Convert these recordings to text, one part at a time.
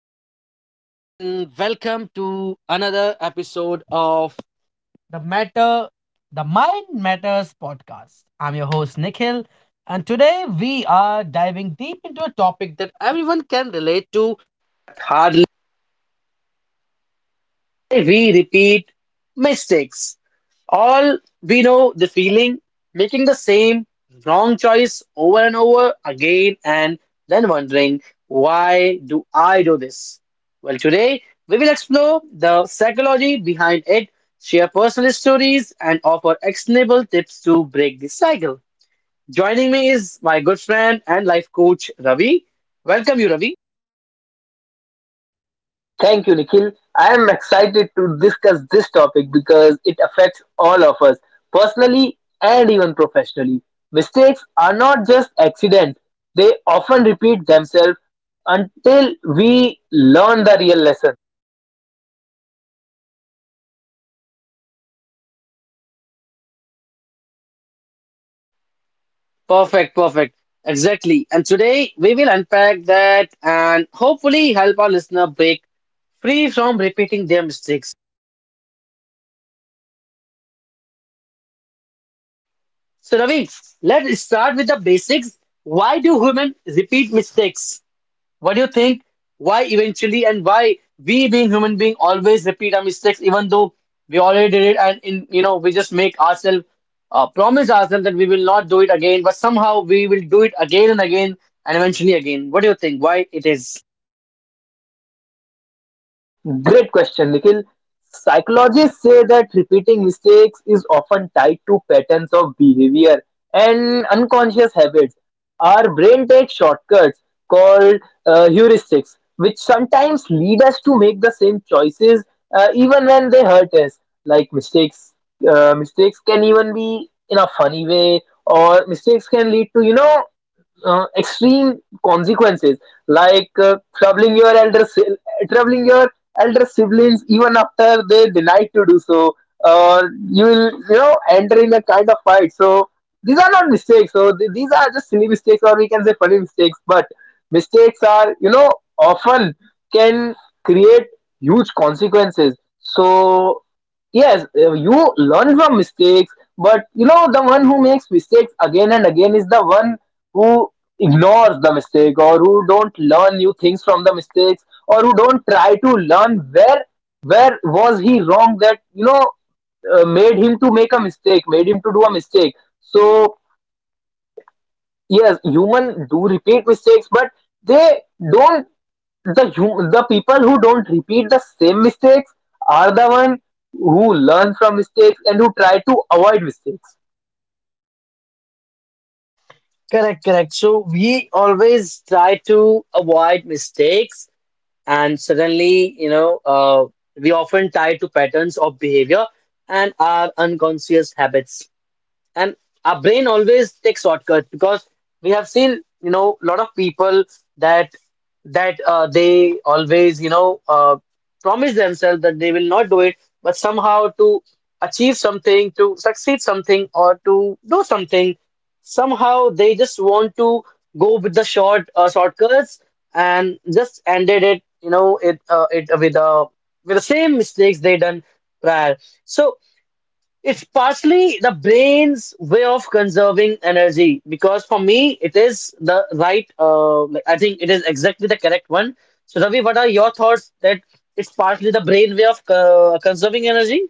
Hello, everyone, and welcome to another episode of the Matter, the Mind Matters podcast. I'm your host, Nikhil, and today we are diving deep into a topic that everyone can relate to: we repeat mistakes. All we know the feeling, making the same wrong choice over and over again, and then wondering, why do I do this? Well, today we will explore the psychology behind it, share personal stories, and offer actionable tips to break this cycle. Joining me is my good friend and life coach Ravi. Welcome you, Ravi. Thank you, Nikhil. I am excited to discuss this topic because it affects all of us personally and even professionally. Mistakes are not just accidents, they often repeat themselves until we learn the real lesson. Perfect, perfect. Exactly. And today we will unpack that and hopefully help our listener break free from repeating their mistakes. So, Ravi, let's start with the basics. Why do humans repeat mistakes? What do you think? Why eventually, and why we being human being always repeat our mistakes, even though we already did it, and in you know we just make ourselves promise ourselves that we will not do it again, but somehow we will do it again and again and eventually again. What do you think? Why it is? Great question, Nikhil. Psychologists say that repeating mistakes is often tied to patterns of behavior and unconscious habits. Our brain takes shortcuts called heuristics, which sometimes lead us to make the same choices, even when they hurt us. Like mistakes can even be in a funny way, or mistakes can lead to extreme consequences, like troubling your elder troubling your elder siblings even after they denied to do so, or you will, enter in a kind of fight. So these are not mistakes, so these are just silly mistakes, or we can say funny mistakes, but mistakes are, often, can create huge consequences. So yes, you learn from mistakes, but the one who makes mistakes again and again is the one who ignores the mistake, or who don't learn new things from the mistakes, or who don't try to learn where was he wrong, that made him to make a mistake, made him to do a mistake. So yes, human do repeat mistakes, but they don't. The people who don't repeat the same mistakes are the one who learn from mistakes and who try to avoid mistakes. Correct, correct. So we always try to avoid mistakes, and suddenly, we often tie to patterns of behavior and our unconscious habits, and our brain always takes shortcuts because we have seen, you know, a lot of people that that they always, promise themselves that they will not do it, but somehow, to achieve something, to succeed something, or to do something, somehow they just want to go with the shortcuts and just ended it, with the same mistakes they done prior. So it's partially the brain's way of conserving energy, because for me it is the right, I think it is exactly the correct one. So Ravi, what are your thoughts that it's partially the brain way of conserving energy?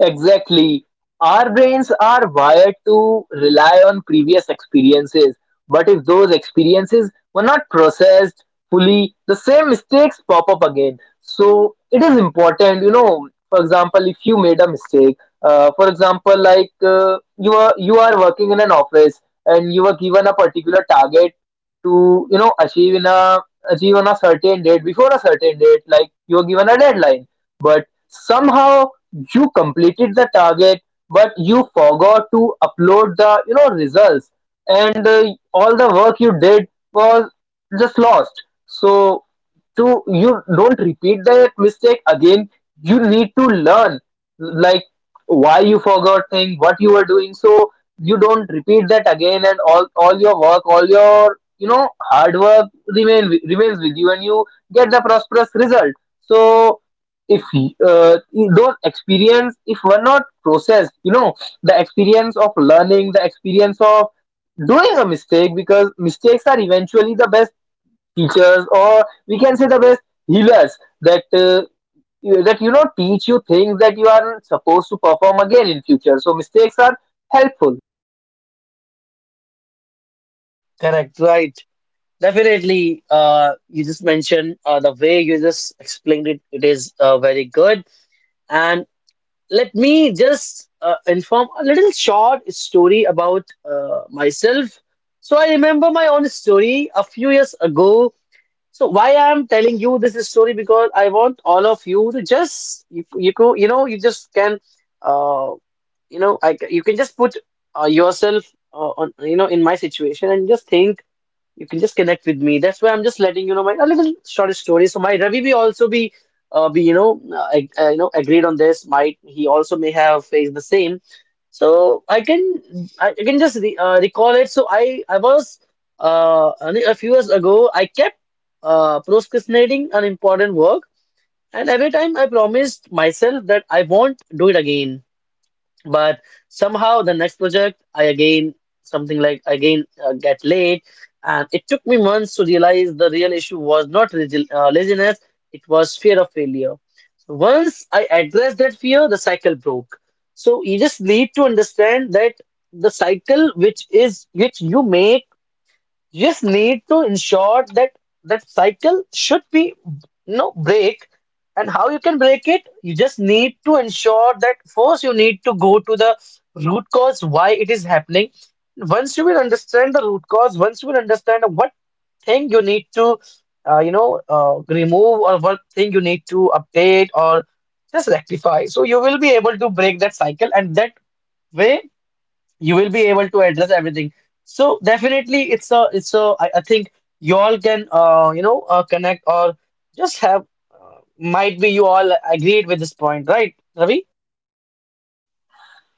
Exactly. Our brains are wired to rely on previous experiences, but if those experiences were not processed fully, the same mistakes pop up again. So it is important. For example, if you made a mistake, for example, like, you are working in an office and you were given a particular target to, achieve in a, achieve on a certain date, before a certain date, like you were given a deadline, but somehow you completed the target, but you forgot to upload the, results, and all the work you did was just lost. So to you don't repeat that mistake again, you need to learn, like, why you forgot thing what you were doing, so you don't repeat that again, and all your work, all your, hard work, remain remains with you, and you get the prosperous result. So if, you don't experience, if we're not processed, the experience of learning, the experience of doing a mistake, because mistakes are eventually the best teachers, or we can say the best healers, that that teach you things that you aren't supposed to perform again in future. So mistakes are helpful. Correct, right. Definitely. You just mentioned, the way you just explained it. It is very good. And let me just inform a little short story about myself. So I remember my own story a few years ago. So why I am telling you this story, because I want all of you to just, you know, you just can, uh, you can just put, yourself, on, in my situation, and just think you can just connect with me. That's why I'm just letting you know my a little short story. So my Ravi will also be you know, ag- you know, agreed on this. Might he also may have faced the same. So I can, I can just re recall it. So I was, only a few years ago. I kept procrastinating an important work, and every time I promised myself that I won't do it again, but somehow the next project I again something like again get late, and it took me months to realize the real issue was not laziness, it was fear of failure. So once I addressed that fear, the cycle broke. So you just need to understand that the cycle which you make, you just need to ensure that that cycle should be no break. And how you can break it? You just need to ensure that first you need to go to the root cause why it is happening. Once you will understand the root cause, once you will understand what thing you need to, remove, or what thing you need to update or just rectify, so you will be able to break that cycle, and that way you will be able to address everything. So definitely I think you all can, connect, or just have, might be you all agreed with this point, right Ravi?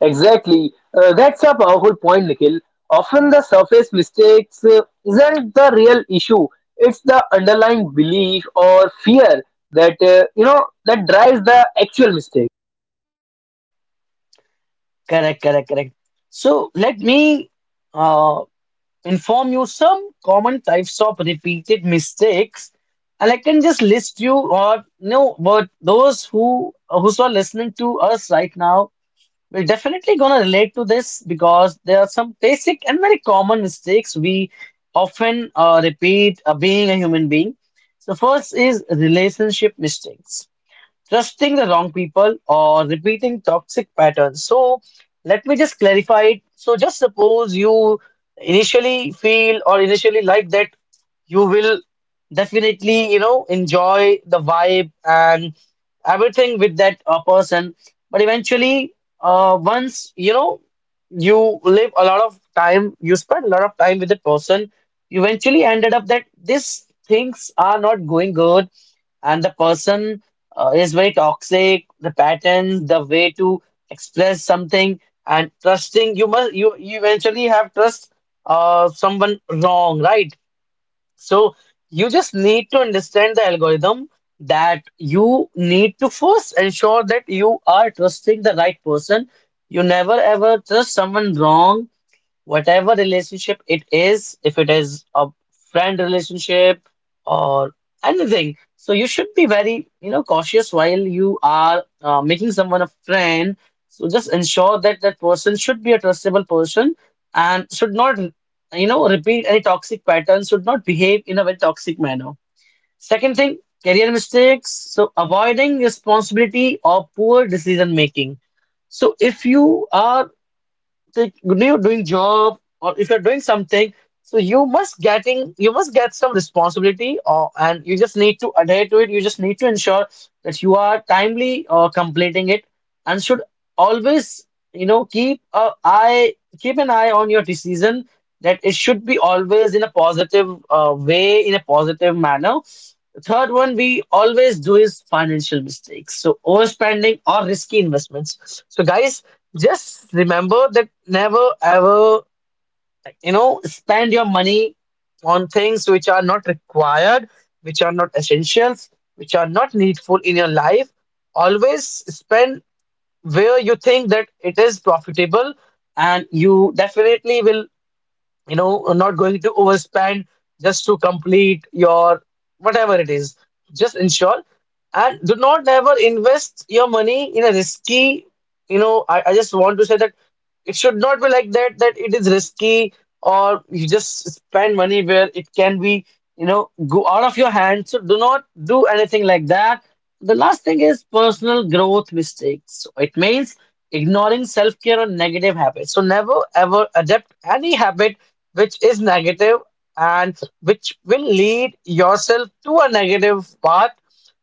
Exactly. That's a powerful point, Nikhil. Often the surface mistakes, isn't the real issue. It's the underlying belief or fear that you know that drives the actual mistake. Correct, correct, correct. So let me uh, inform you some common types of repeated mistakes, and I can just list you or no, but those who's are listening to us right now, we're definitely going to relate to this, because there are some basic and very common mistakes we often repeat, being a human being. So, first is relationship mistakes: trusting the wrong people or repeating toxic patterns. So let me just clarify it. So just suppose you initially feel or initially like that you will definitely, you know, enjoy the vibe and everything with that person. But eventually, once, you know, you live a lot of time, you spend a lot of time with that person, you eventually ended up that these things are not going good, and the person is very toxic, the patterns, the way to express something, and trusting, you eventually have trust someone wrong, right? So you just need to understand the algorithm, that you need to first ensure that you are trusting the right person. You never ever trust someone wrong, whatever relationship it is, if it is a friend relationship or anything. So you should be very, you know, cautious while you are making someone a friend. So just ensure that that person should be a trustable person, and should not, you know, repeat any toxic patterns, should not behave in a very toxic manner. Second thing, career mistakes. So avoiding responsibility or poor decision making. So if you are, like when you're doing job or if you're doing something, so you must get some responsibility, or, and you just need to adhere to it. You just need to ensure that you are timely completing it, and should always, you know, keep an eye on your decision, that it should be always in a positive way, in a positive manner. The third one we always do is financial mistakes. So overspending or risky investments. So guys, just remember that never ever, you know, spend your money on things which are not required, which are not essentials, which are not needful in your life. Always spend where you think that it is profitable, and you definitely will, you know, not going to overspend just to complete your whatever it is. Just ensure and do not ever invest your money in a risky, you know, I just want to say that it should not be like that, that it is risky, or you just spend money where it can be, you know, go out of your hands. So do not do anything like that. The last thing is personal growth mistakes. So it means ignoring self-care or negative habits. So never ever adapt any habit which is negative and which will lead yourself to a negative path.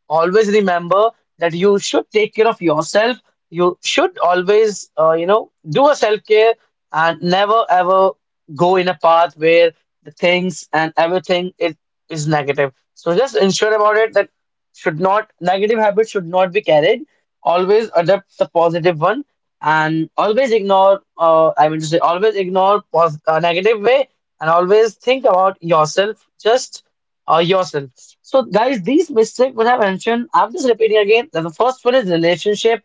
Always remember that you should take care of yourself. You should always, you know, do a self care, and never ever go in a path where the things and everything is, negative. So just ensure about it that should not negative habits should not be carried. Always adopt the positive one, and always ignore, I mean to say always ignore negative way, and always think about yourself, just yourself. So guys, these mistakes which I mentioned, I'm just repeating again, that the first one is relationship,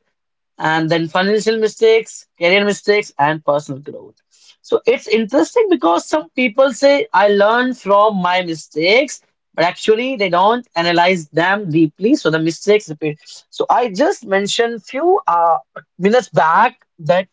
and then financial mistakes, career mistakes, and personal growth. So it's interesting, because some people say I learn from my mistakes, but actually they don't analyze them deeply, so the mistakes repeat. So I just mentioned few minutes back that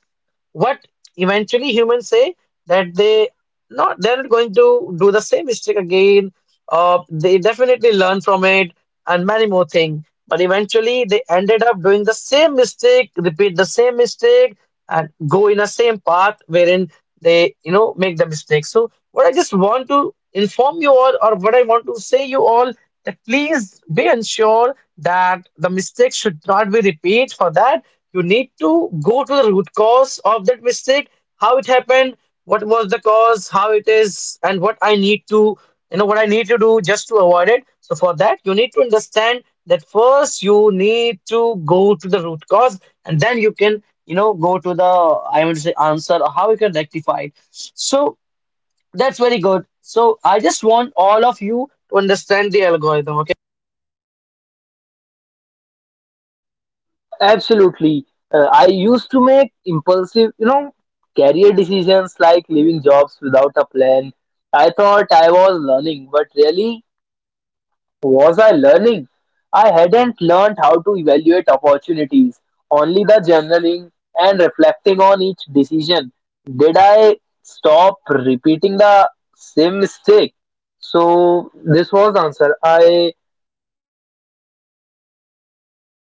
what eventually humans say, that they're not going to do the same mistake again, they definitely learn from it and many more things. But eventually, they ended up doing the same mistake, repeat the same mistake, and go in the same path wherein they, you know, make the mistake. So, what I just want to inform you all, or what I want to say you all, that please be ensure that the mistake should not be repeat. For that, you need to go to the root cause of that mistake, how it happened, what was the cause, how it is, and what I need to do just to avoid it. So for that, you need to understand that first you need to go to the root cause, and then you can, you know, go to the, I would say, answer, or how you can rectify it. So that's very good. So I just want all of you to understand the algorithm. Okay. Absolutely. I used to make impulsive, career decisions, like leaving jobs without a plan. I thought I was learning, but really. Was I learning? I hadn't learned how to evaluate opportunities, only the journaling and reflecting on each decision. Did I stop repeating the same mistake? So this was the answer. I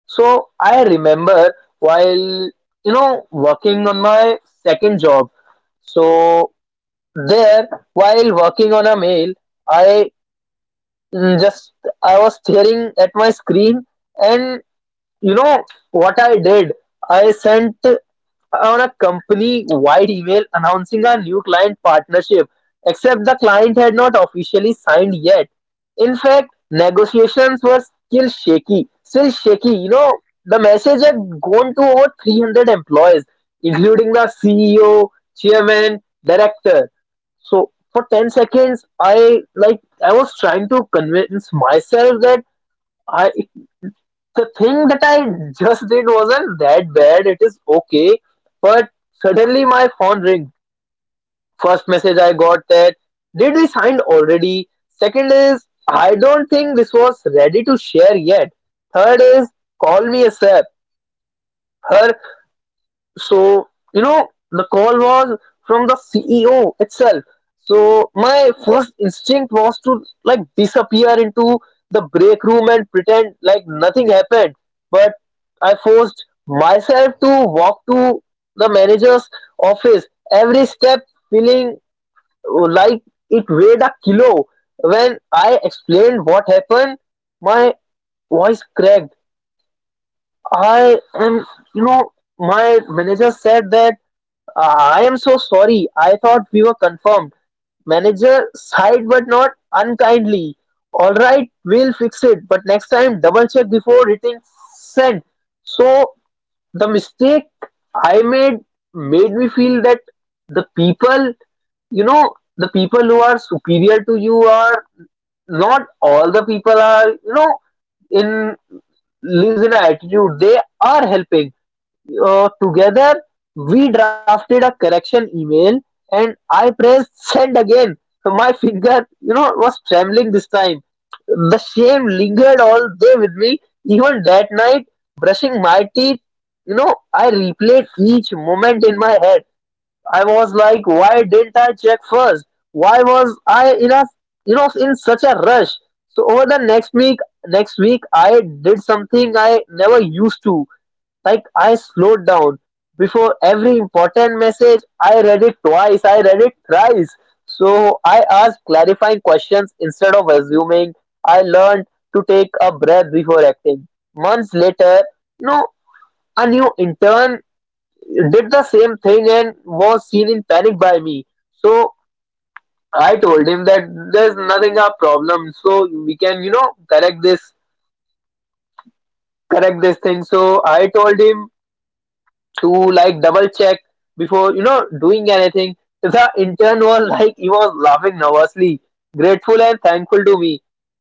so I remember while working on my second job. So there, while working on a mail, I mm, just I was staring at my screen. And you know what I did? I sent on a company wide email announcing our new client partnership, except the client had not officially signed yet. In fact, negotiations were still shaky, still shaky. You know, the message had gone to over 300 employees, including the CEO, chairman, director. So for 10 seconds, I was trying to convince myself that I the thing that I just did wasn't that bad. It is okay. But suddenly my phone ring. First message I got: that did we sign already? Second is, I don't think this was ready to share yet. Third is, call me a sap. Her, so, the call was from the CEO itself. So my first instinct was to, like, disappear into the break room and pretend like nothing happened. But I forced myself to walk to the manager's office, every step feeling like it weighed a kilo. When I explained what happened, my voice cracked. I am, you know, My manager said that, I am so sorry. I thought we were confirmed. Manager sighed, but not unkindly. Alright, we'll fix it, but next time double check before hitting send. So the mistake I made made me feel that the people who are superior to you are not all the people are, in lives in an attitude. They are helping, together we drafted a correction email, and I pressed send again. So, my finger, was trembling this time. The shame lingered all day with me, even that night, brushing my teeth, I replayed each moment in my head. I was like, why didn't I check first? Why was I in such a rush? So over the next week, I did something I never used to, like. I slowed down before every important message. I read it twice. I read it thrice. So I asked clarifying questions instead of assuming. I learned to take a breath before acting. Months later, no, a new intern did the same thing and was seen in panic by me. So I told him that there's nothing a problem. So we can, correct this, correct this thing. So I told him to, like, double check before, doing anything. The intern was like, he was laughing nervously, grateful and thankful to me.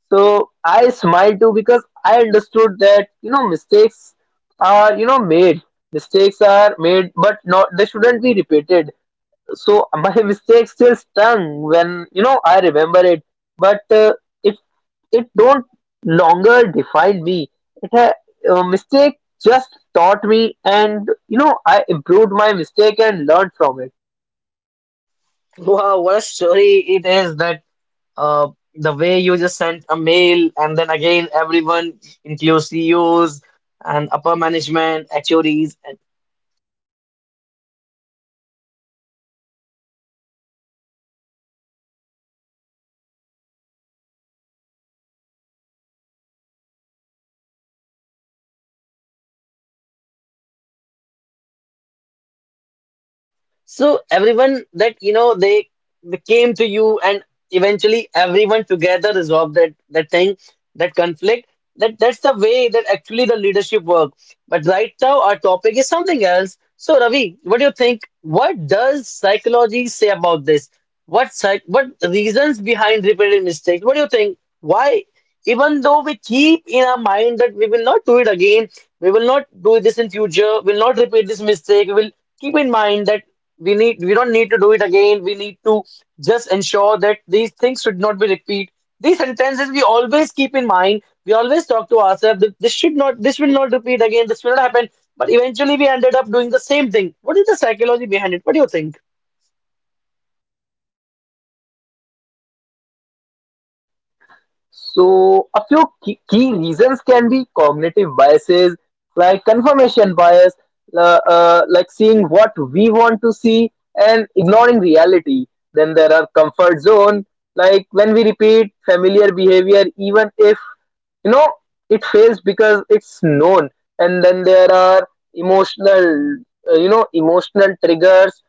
So I smiled too, because I understood that, mistakes are, made. Mistakes are made, but not they shouldn't be repeated. So my mistake still stung when, I remember it, but it it don't longer define me. It ha- mistake just taught me, and, I improved my mistake and learned from it. Wow, what a story it is, that uh the way you just sent a mail, and then again everyone includes CEOs and upper management, H O Ds, and. So everyone, that, you know, they came to you, and eventually everyone together resolved that thing, that conflict. That's the way that actually the leadership work. But right now our topic is something else. So Ravi, what do you think? What does psychology say about this? What reasons behind repeated mistakes? What do you think? Why, even though we keep in our mind that we will not do it again, we will not do this in future, we'll not repeat this mistake, we will keep in mind that we don't need to do it again, we need to just ensure that these things should not be repeat, these sentences we always keep in mind, we always talk to ourselves that this will not repeat again, this will not happen, but eventually we ended up doing the same thing. What is the psychology behind it? What do you think? So, a few key, key reasons can be cognitive biases, like confirmation bias, like seeing what we want to see and ignoring reality. Then there are comfort zone, like when we repeat familiar behavior, even if, you know it fails because it's known. And then there are emotional you know emotional triggers.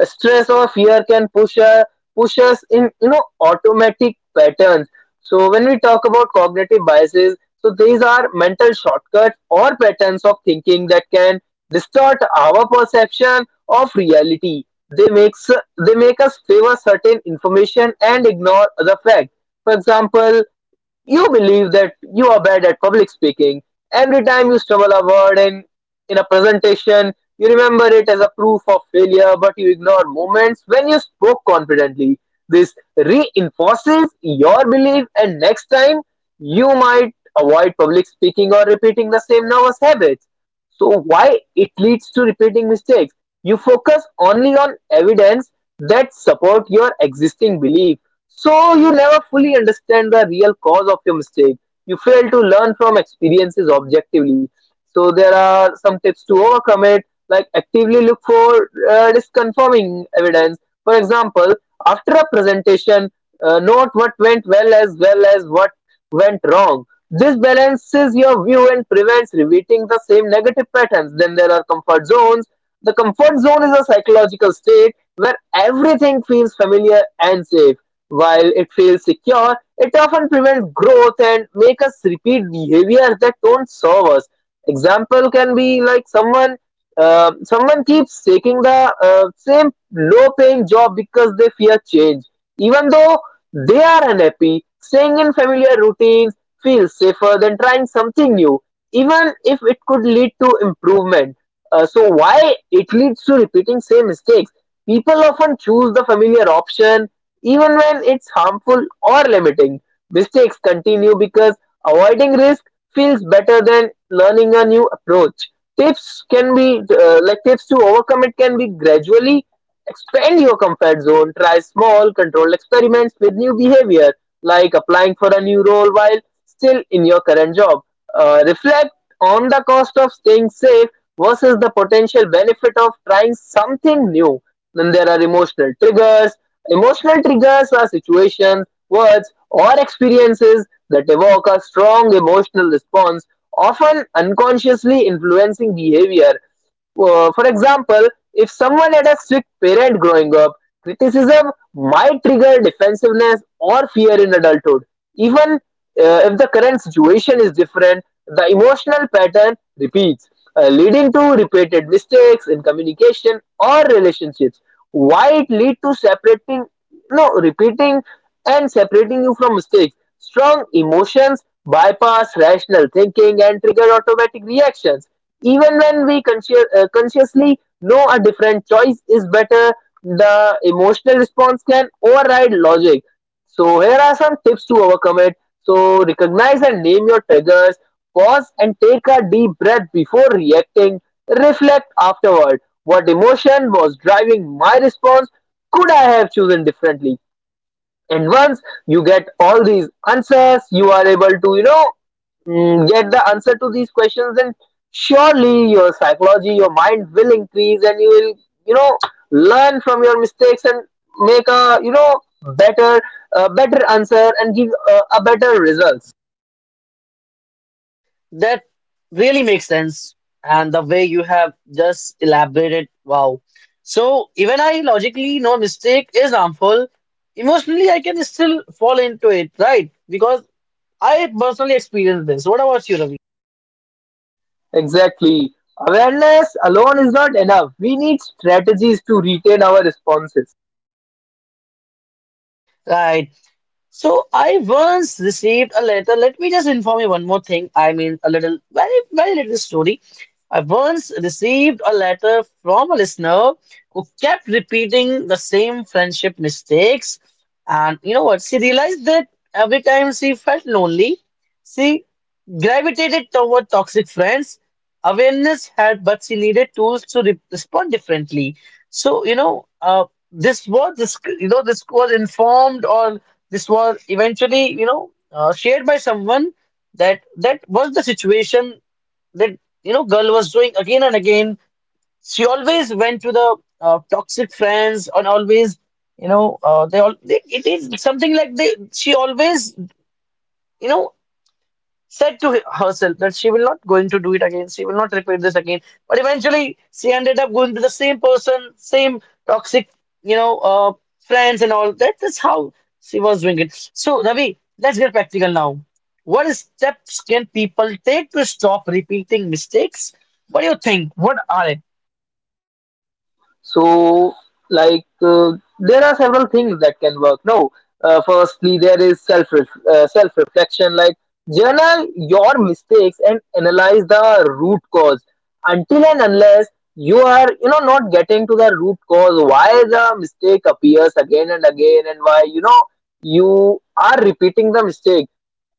Stress or fear can push us in, automatic patterns. So when we talk about cognitive biases, so these are mental shortcuts or patterns of thinking that can distort our perception of reality. They make us favor certain information and ignore other facts. For example, you believe that you are bad at public speaking. Every time you stumble a word in a presentation, you remember it as a proof of failure, but you ignore moments when you spoke confidently. This reinforces your belief, and next time you might avoid public speaking or repeating the same nervous habits. So, why it leads to repeating mistakes? You focus only on evidence that support your existing belief, so you never fully understand the real cause of your mistake. You fail to learn from experiences objectively. So there are some tips to overcome it, like actively look for, disconfirming evidence. For example, after a presentation, note what went well as what went wrong. This balances your view and prevents repeating the same negative patterns. Then there are comfort zones. The comfort zone is a psychological state where everything feels familiar and safe. While it feels secure, it often prevents growth and make us repeat behaviors that don't serve us. Example can be like someone keeps taking the, same low-paying job because they fear change, even though they are unhappy. Staying in familiar routines feels safer than trying something new, even if it could lead to improvement. So why it leads to repeating same mistakes? People often choose the familiar option even when it's harmful or limiting. Mistakes continue because avoiding risk feels better than learning a new approach. Tips to overcome it can be, gradually expand your comfort zone, try small controlled experiments with new behavior, like applying for a new role while still in your current job. Reflect on the cost of staying safe versus the potential benefit of trying something new. Then there are emotional triggers. Emotional triggers are situations, words, or experiences that evoke a strong emotional response, often unconsciously influencing behavior. For example, if someone had a strict parent growing up, criticism might trigger defensiveness or fear in adulthood. Even if the current situation is different, the emotional pattern repeats, leading to repeated mistakes in communication or relationships. Why it lead to separating, no, repeating and separating you from mistakes. Strong emotions bypass rational thinking and trigger automatic reactions, even when we consciously know a different choice is better. The emotional response can override logic, so here are some tips to overcome it. So recognize and name your triggers, pause and take a deep breath before reacting, reflect afterward. What emotion was driving my response? Could I have chosen differently? And once you get all these answers, you are able to, get the answer to these questions. And surely your psychology, your mind will increase and you will, you know, learn from your mistakes and make a, better, better answer and give a better results. That really makes sense. And the way you have just elaborated, wow. So even I logically know mistake is harmful. Emotionally, I can still fall into it, right? Because I personally experienced this. What about you, Ravi? Exactly. Awareness alone is not enough. We need strategies to retain our responses. Right. So I once received a letter. Let me just inform you one more thing, I mean, a little, very, very little story. I once received a letter from a listener who kept repeating the same friendship mistakes. And you know what? She realized that every time she felt lonely, she gravitated toward toxic friends. Awareness helped, but she needed tools to respond differently. So, you know, this was informed, or this was eventually, you know, shared by someone, that that was the situation that, you know, girl was doing again and again. She always went to the toxic friends, and always, you know, it is something like they she always, you know said to herself that she will not going to do it again, she will not repeat this again, but eventually she ended up going to the same person, same toxic, you know uh, friends, and all that is how she was doing it. So Ravi, let's get practical now. What steps can people take to stop repeating mistakes? What do you think, what are it? So, like, uh, there are several things that can work. No, firstly, there is self reflection. Like, journal your mistakes and analyze the root cause. Until and unless you are, not getting to the root cause, why the mistake appears again and again, and why, you know, you are repeating the mistake,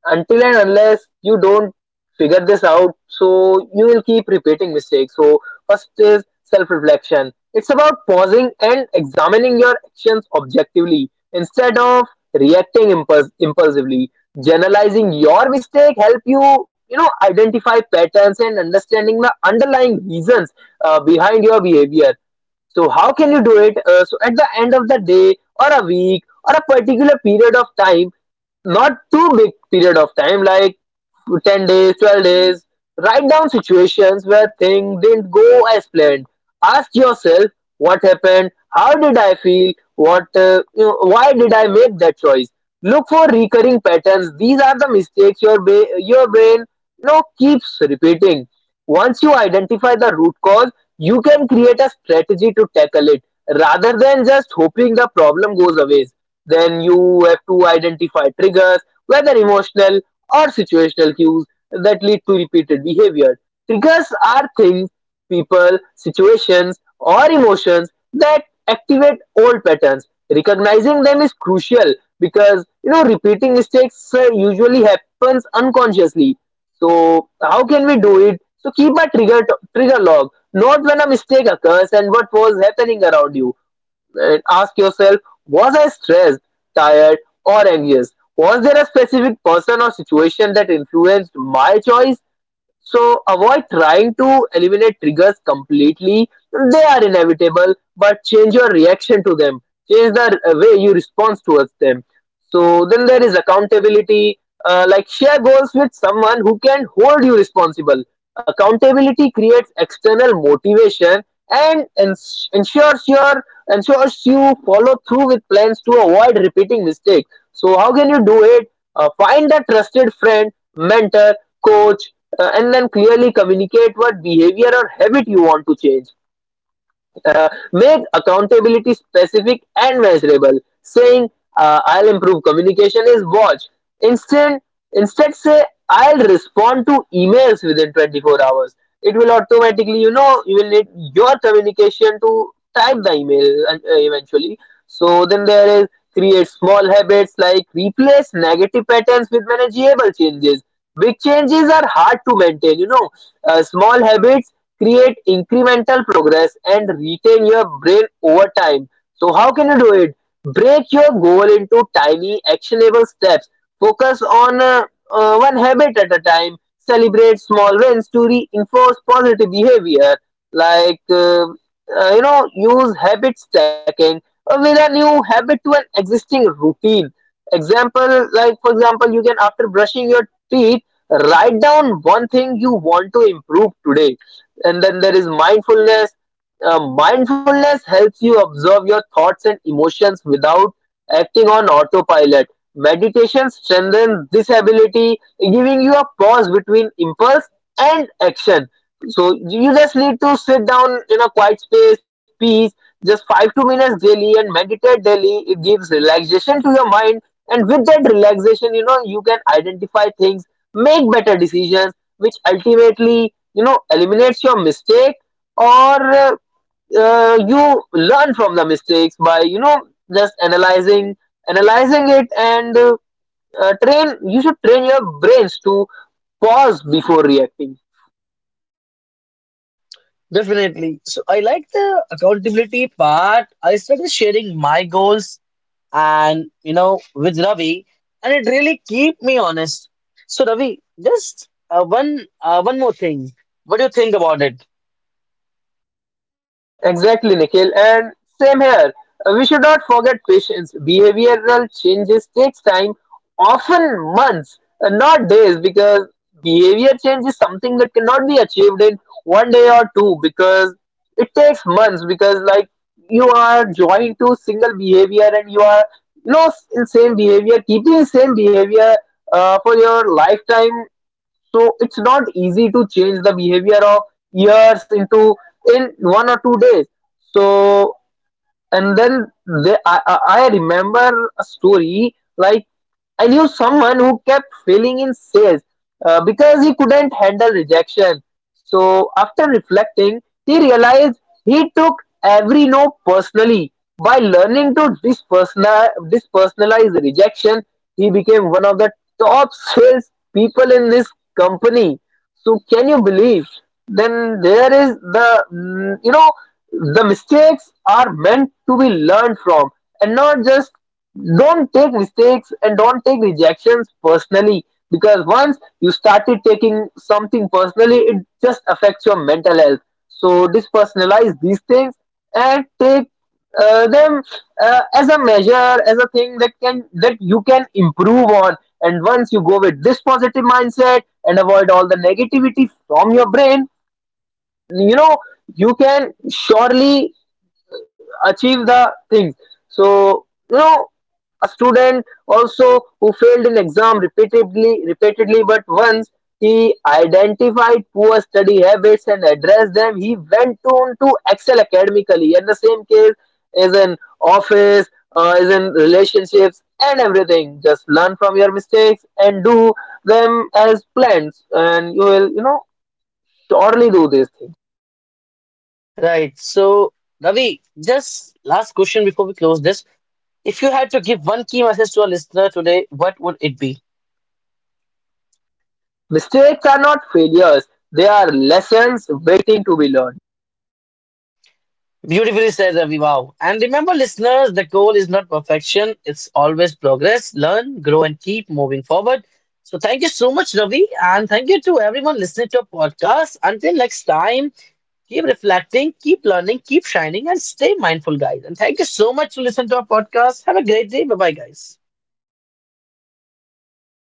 until and unless you don't figure this out, so you will keep repeating mistakes. So first is self reflection. It's about pausing and examining your actions objectively instead of reacting impulsively. Generalizing your mistake help you, you know, identify patterns and understanding the underlying reasons behind your behavior. So how can you do it? So at the end of the day or a week or a particular period of time, not too big period of time, like 10 days, 12 days, write down situations where things didn't go as planned. Ask yourself, what happened, how did I feel, what, why did I make that choice? Look for recurring patterns. These are the mistakes your brain, you know, keeps repeating. Once you identify the root cause, you can create a strategy to tackle it rather than just hoping the problem goes away. Then you have to identify triggers, whether emotional or situational cues that lead to repeated behavior. Triggers are things, people, situations, or emotions that activate old patterns. Recognizing them is crucial because, you know, repeating mistakes usually happens unconsciously. So how can we do it? So keep a trigger log, not when a mistake occurs and what was happening around you. And ask yourself, was I stressed, tired, or anxious? Was there a specific person or situation that influenced my choice? So avoid trying to eliminate triggers completely. They are inevitable, but change your reaction to them. Change the way you respond towards them. So then there is accountability. Like, share goals with someone who can hold you responsible. Accountability creates external motivation and ensures your ensures you follow through with plans to avoid repeating mistakes. So how can you do it? Find a trusted friend, mentor, coach, and then clearly communicate what behavior or habit you want to change. Make accountability specific and measurable. Saying I'll improve communication is watch. Instead, Instead, say I'll respond to emails within 24 hours. It will automatically, you know, you will need your communication to type the email eventually. So then there is create small habits, like replace negative patterns with manageable changes. Big changes are hard to maintain, you know. Small habits create incremental progress and retain your brain over time. So how can you do it? Break your goal into tiny, actionable steps. Focus on one habit at a time. Celebrate small wins to reinforce positive behavior. Use habit stacking or with a new habit to an existing routine. Example, like, for example, you can, after brushing your teeth, write down one thing you want to improve today. And then there is mindfulness. Mindfulness helps you observe your thoughts and emotions without acting on autopilot. Meditation strengthens this ability, giving you a pause between impulse and action. So you just need to sit down in a quiet space, peace, just 5 to minutes daily and meditate daily. It gives relaxation to your mind, and with that relaxation, you know, you can identify things, make better decisions, which ultimately, you know, eliminates your mistake. Or you learn from the mistakes by, you know, just analyzing it, and train, you should train your brains to pause before reacting. Definitely. So I like the accountability part. I started sharing my goals, and, with Ravi, and it really keep me honest. So Ravi, just one more thing. What do you think about it? Exactly, Nikhil. And same here. We should not forget patience. Behavioral changes takes time, often months, and not days, because behavior change is something that cannot be achieved in one day or two, because it takes months. Because, like, you are joined to single behavior, and you are, you know, in same behavior, keeping same behavior for your lifetime. So it's not easy to change the behavior of years into in one or two days. So and then they, I remember a story. Like, I knew someone who kept failing in sales because he couldn't handle rejection. So after reflecting, he realized he took every no personally. By learning to dispersonalize rejection, he became one of the top sales people in his company. So can you believe? Then there is the mm, you know the mistakes are meant to be learned from, and not just, don't take mistakes and don't take rejections personally, because once you started taking something personally, it just affects your mental health. So dispersonalize these things and take them as a measure, as a thing that can that you can improve on. And once you go with this positive mindset and avoid all the negativity from your brain, you know, you can surely achieve the things. So, you know, a student also who failed in exam repeatedly, but once he identified poor study habits and addressed them, he went on to excel academically. And the same case is in office, is in relationships and everything. Just learn from your mistakes and do them as plans, and you will, you know, surely do this thing. Right. So Ravi, just last question before we close this. If you had to give one key message to a listener today, what would it be? Mistakes are not failures, they are lessons waiting to be learned. Beautifully said, Ravi. Wow. And remember, listeners, the goal is not perfection. It's always progress. Learn, grow, and keep moving forward. So thank you so much, Ravi. And thank you to everyone listening to our podcast. Until next time, keep reflecting, keep learning, keep shining, and stay mindful, guys. And thank you so much to listen to our podcast. Have a great day. Bye bye, guys.